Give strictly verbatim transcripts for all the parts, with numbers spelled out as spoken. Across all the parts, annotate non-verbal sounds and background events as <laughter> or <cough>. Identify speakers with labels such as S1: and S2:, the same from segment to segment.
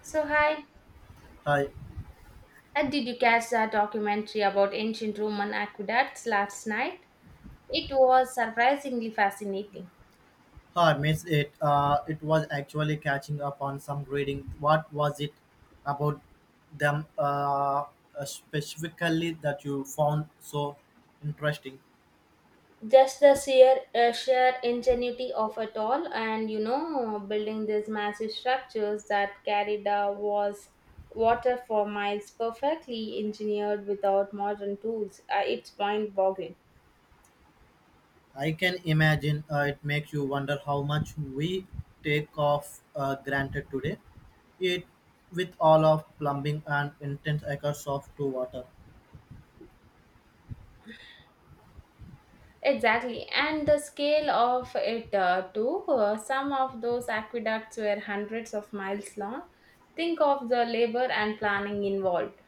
S1: So, hi,
S2: I
S1: and did you catch that documentary about ancient Roman aqueducts last night? It was surprisingly fascinating.
S2: I missed it. Uh, it was actually catching up on some reading. What was it about them uh, uh, specifically that you found so interesting?
S1: Just the sheer, uh, sheer ingenuity of it all, and you know, building these massive structures that carried the was water for miles, perfectly engineered without modern tools. Uh, it's mind boggling.
S2: I can imagine, uh, it makes you wonder how much we take off uh, granted today. It with all of plumbing and intense acres of to water.
S1: Exactly, and the scale of it uh, too. Uh, some of those aqueducts were hundreds of miles long. Think of the labor and planning involved.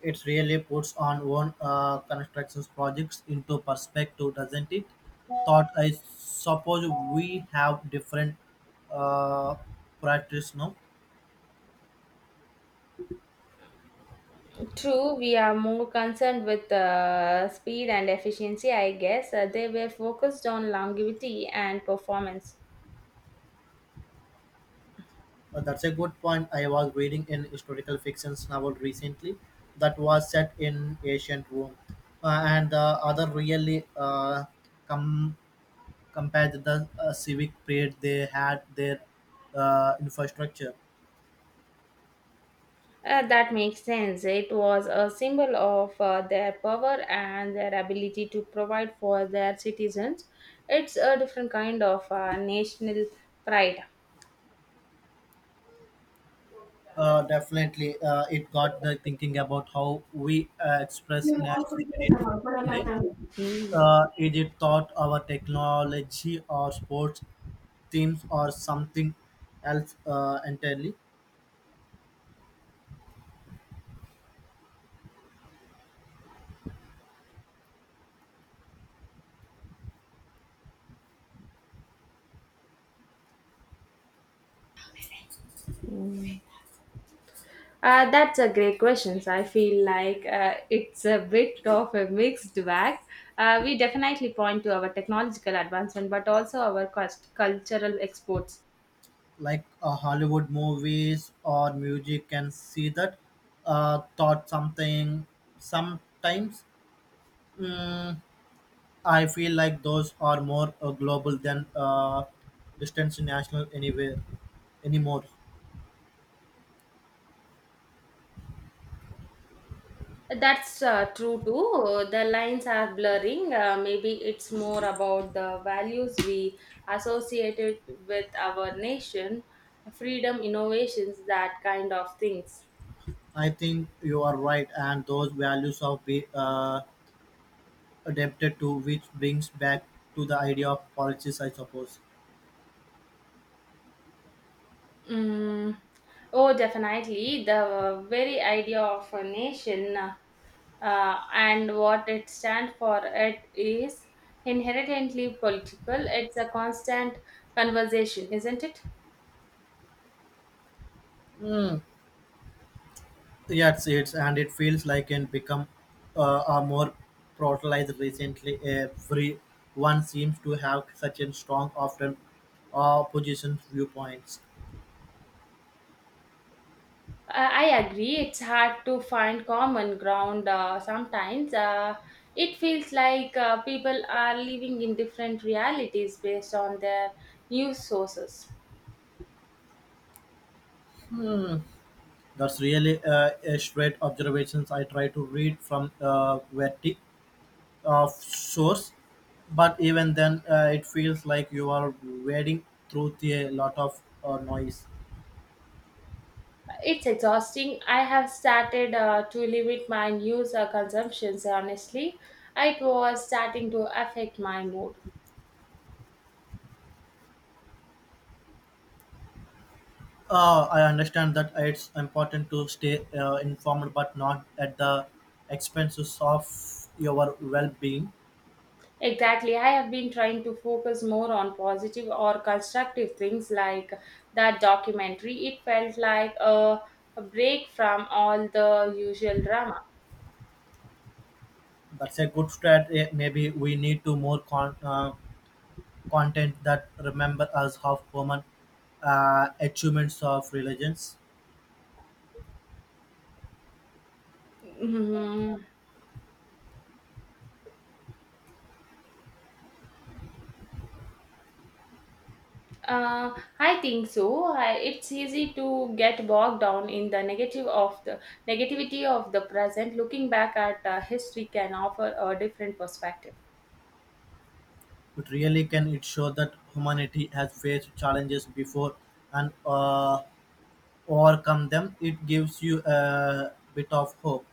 S2: It really puts on one uh, construction projects into perspective, doesn't it? Thought I suppose we have different uh, practice now.
S1: True, we are more concerned with uh, speed and efficiency, I guess. Uh, they were focused on longevity and performance.
S2: Uh, that's a good point. I was reading an historical fiction novel recently that was set in ancient Rome, uh, and the other really uh, com- compared the uh, civic pride they had their uh, infrastructure.
S1: Uh, that makes sense. It was a symbol of uh, their power and their ability to provide for their citizens. It's a different kind of uh, national pride.
S2: Uh, definitely, uh, it got the thinking about how we uh, express national period today. Uh, is it thought our technology or sports themes or something else uh, entirely?
S1: Uh, that's a great question. So I feel like uh, it's a bit of a mixed bag. Uh, we definitely point to our technological advancement, but also our cust- cultural exports.
S2: Like uh, Hollywood movies or music can see that uh, thought something. Sometimes mm, I feel like those are more uh, global than uh, distant national anywhere anymore.
S1: That's uh, true too. The lines are blurring. Uh, maybe it's more about the values we associated with our nation, freedom, innovations, that kind of things.
S2: I think you are right, and those values of be uh, adapted to, which brings back to the idea of policies, I suppose.
S1: Mm, oh, definitely. The very idea of a nation uh, uh, and what it stands for it is inherently political. It's a constant conversation, isn't it?
S2: Mm. Yes, it's and it feels like it become uh, a more brutalized recently. Everyone seems to have such a strong, often uh, opposition viewpoints.
S1: I I agree. It's hard to find common ground uh, sometimes. Uh, it feels like uh, people are living in different realities based on their news sources.
S2: That's really uh, a straight observations. I try to read from uh, Verti of source, but even then uh, it feels like you are wading through the, a lot of uh, noise.
S1: It's exhausting. I have started uh, to limit my news uh, consumptions, honestly. It was starting to affect my mood.
S2: Uh, i understand that it's important to stay uh, informed but not at the expenses of your well-being.
S1: Exactly. I have been trying to focus more on positive or constructive things like that documentary. It felt like a, a break from all the usual drama.
S2: That's a good strategy. Maybe we need to more con- uh, content that remember us of human uh, achievements of religions.
S1: Mhm. Uh, I think so. I, it's easy to get bogged down in the negative of the negativity of the present. Looking back at uh, history can offer a different perspective.
S2: It really can. It show that humanity has faced challenges before and uh, overcome them. It gives you a bit of hope.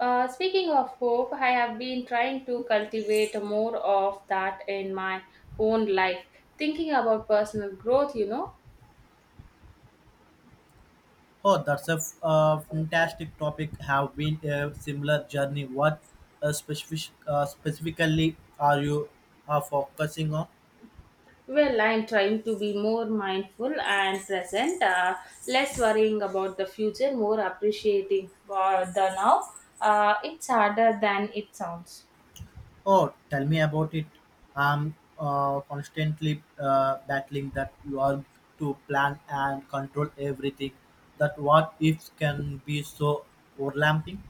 S1: Uh, speaking of hope, I have been trying to cultivate more of that in my own life. Thinking about personal growth, you know.
S2: Oh, that's a f- a fantastic topic. Have been a similar journey. What uh, specific, uh, specifically are you uh, focusing on?
S1: Well, I'm trying to be more mindful and present, uh, less worrying about the future, more appreciating for the now. Uh, it's harder than it sounds.
S2: Oh, tell me about it. I'm uh, constantly uh, battling that you are to plan and control everything. That what ifs can be so overlapping.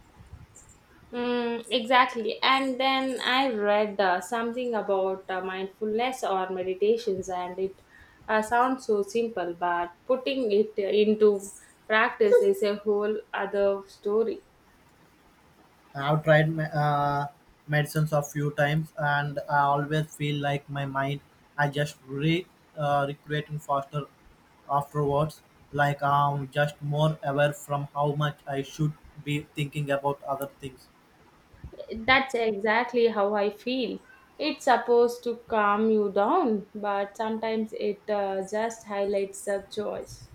S1: Mm, exactly. And then I read uh, something about uh, mindfulness or meditations, and it uh, sounds so simple, but putting it into practice is a whole other story.
S2: I've tried me- uh, medicines a few times, and I always feel like my mind I just re uh, recreating faster afterwards. Like I'm just more aware from how much I should be thinking about other things.
S1: That's exactly how I feel. It's supposed to calm you down, but sometimes it uh, just highlights the choice.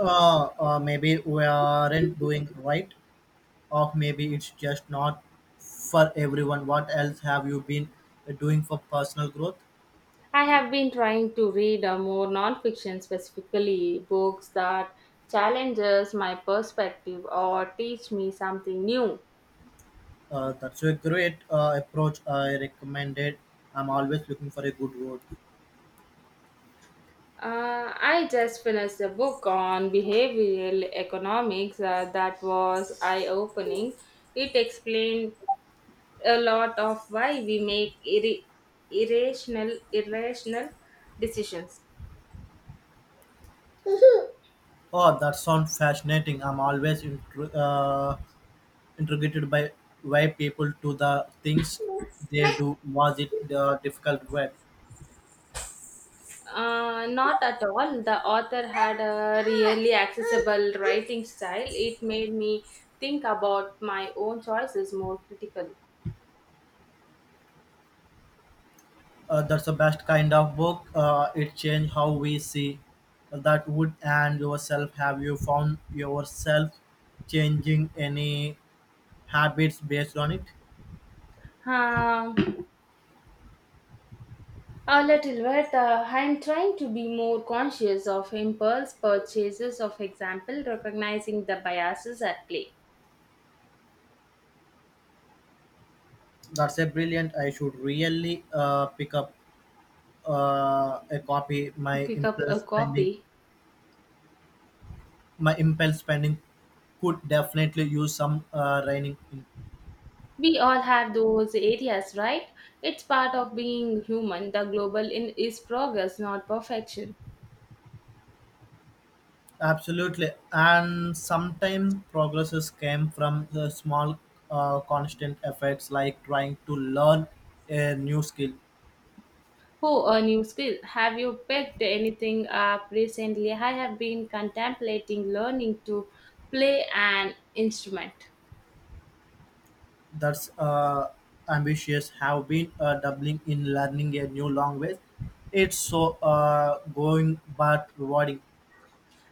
S2: Uh, uh, maybe we aren't doing right, or maybe it's just not for everyone. What else have you been doing for personal growth?
S1: I have been trying to read uh, more nonfiction, specifically books that challenges my perspective or teach me something new.
S2: Uh, that's a great uh, approach I recommended. I'm always looking for a good road.
S1: Uh, I just finished a book on behavioral economics uh, that was eye opening. It explained a lot of why we make irri- irrational irrational decisions.
S2: Oh, that sounds fascinating. I'm always intri- uh, intrigued by why people do the things they do. Was it the difficult web?
S1: Uh, not at all. The author had a really accessible writing style. It made me think about my own choices more critically.
S2: Uh, that's the best kind of book. Uh, it changed how we see that wood and yourself. Have you found yourself changing any habits based on it?
S1: Um, a little bit. Uh, I'm trying to be more conscious of impulse purchases, of example, recognizing the biases at play.
S2: That's a brilliant. I should really uh, pick up uh, a copy. My
S1: Pick up
S2: impulse
S1: a
S2: spending
S1: copy.
S2: my impulse spending could definitely use some uh, reining in.
S1: We all have those areas, right? It's part of being human. The global in is progress, not perfection.
S2: Absolutely, and sometimes progresses came from the small, uh, constant efforts, like trying to learn a new skill.
S1: Oh, a new skill. Have you picked anything up recently? I have been contemplating learning to play an instrument.
S2: That's uh, ambitious. Have been uh, doubling in learning a new language. It's so uh, going but rewarding.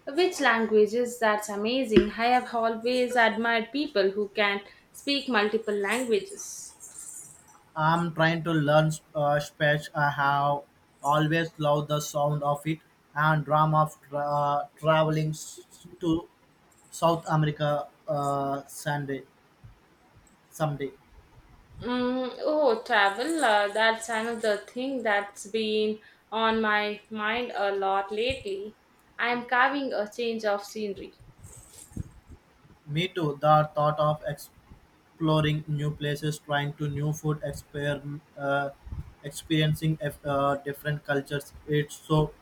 S1: Which languages? That's amazing. I have always admired people who can speak multiple languages.
S2: I'm trying to learn uh, Spanish. I have always loved the sound of it and drama of tra- uh, traveling s- to South America, uh, Sunday, someday.
S1: Mm, oh, travel. Uh, that's another thing that's been on my mind a lot lately. I'm carving a change of scenery.
S2: Me too. The thought of exploring new places, trying to new food, exper- uh, experiencing uh, different cultures. It's so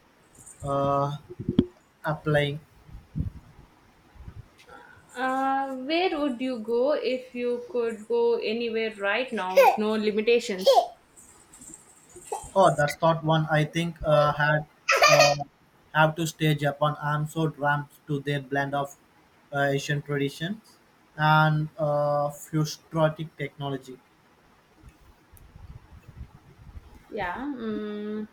S2: uh, applying.
S1: Uh, where would you go if you could go anywhere right now with no limitations?
S2: Oh, that's not one I think uh, had uh, have to stay Japan. I'm so drawn to their blend of uh, Asian traditions and uh, futuristic technology.
S1: Yeah, mm,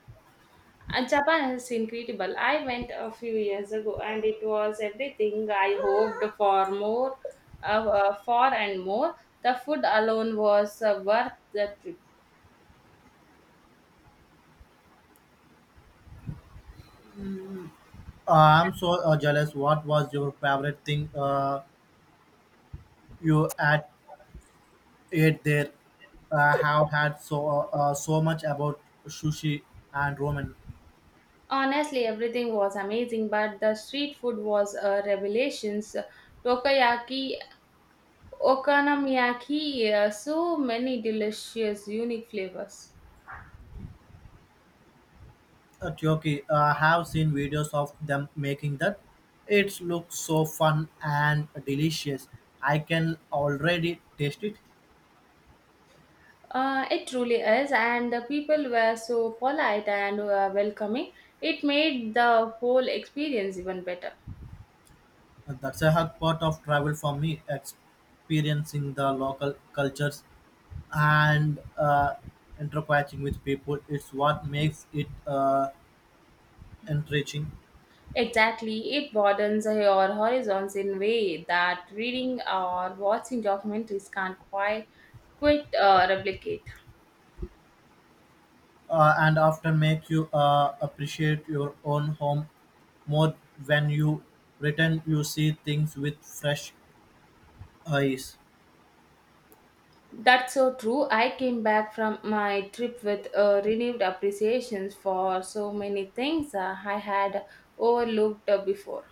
S1: uh, Japan is incredible. I went a few years ago and it was everything I hoped for more, uh, uh, for and more. The food alone was uh, worth the trip.
S2: Uh, I'm so uh, jealous. What was your favorite thing uh, you had ate there? Uh, have had so uh, uh, so much about sushi and ramen.
S1: Honestly, everything was amazing, but the street food was a revelation. Tokayaki, okonomiyaki, uh, so many delicious, unique flavors.
S2: uh, Turkey. Uh, I have seen videos of them making that. It looks so fun and delicious. I can already taste it.
S1: Uh, it truly is, and the people were so polite and uh, welcoming. It made the whole experience even better.
S2: Uh, That's a hard part of travel for me, experiencing the local cultures and uh, interacting with people. It's what makes it uh, enriching.
S1: Exactly, it broadens your horizons in a way that reading or watching documentaries can't quite quite uh, replicate.
S2: Uh, and often make you uh, appreciate your own home more when you return. You see things with fresh eyes.
S1: That's so true. I came back from my trip with a renewed appreciation for so many things uh, I had overlooked uh, before.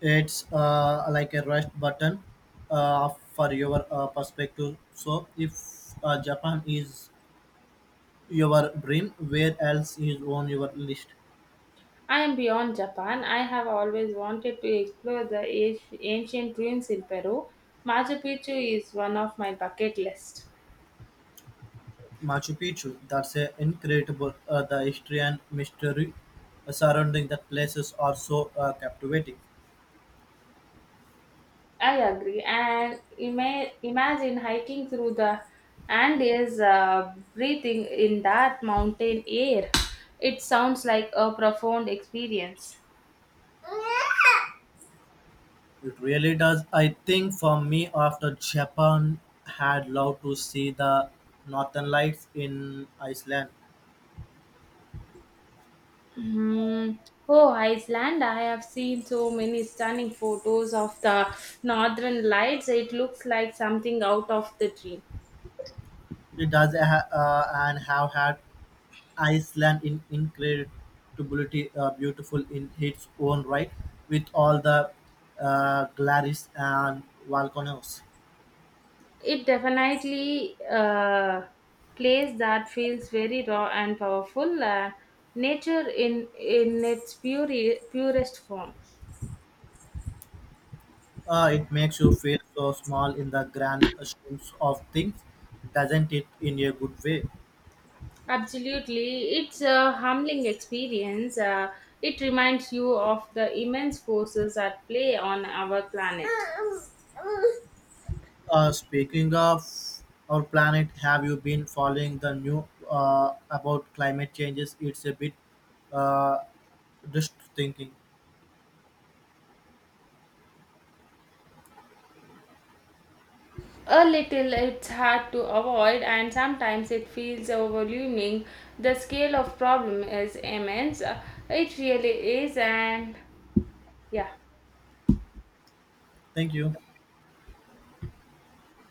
S2: It's uh, like a rest button uh, for your uh, perspective. So if uh, Japan is your dream, where else is on your list?
S1: I am beyond Japan. I have always wanted to explore the ac- ancient ruins in Peru. Machu Picchu is one of my bucket list.
S2: Machu Picchu. That's a incredible. Uh, the history and mystery surrounding that places are so uh, captivating.
S1: I agree. And ima- imagine hiking through the Andes, uh, breathing in that mountain air. It sounds like a profound experience.
S2: It really does. I think for me, after Japan, had loved to see the northern lights in Iceland.
S1: Hmm. Oh, Iceland. I have seen so many stunning photos of the northern lights. It looks like something out of the dream.
S2: It does ha- uh, and have had Iceland is incredibly uh, beautiful in its own right, with all the uh, glaris and volcanoes.
S1: It definitely uh, place that feels very raw and powerful. Uh, nature in in its pure, purest form.
S2: Uh, it makes you feel so small in the grand schemes of things, doesn't it? In a good way.
S1: Absolutely. It's a humbling experience. Uh, it reminds you of the immense forces at play on our planet. <laughs>
S2: Uh, speaking of our planet, have you been following the new uh, about climate changes? It's a bit uh, just thinking.
S1: A little, it's hard to avoid, and sometimes it feels overwhelming. The scale of problem is immense. Uh, It really is, and yeah.
S2: Thank you.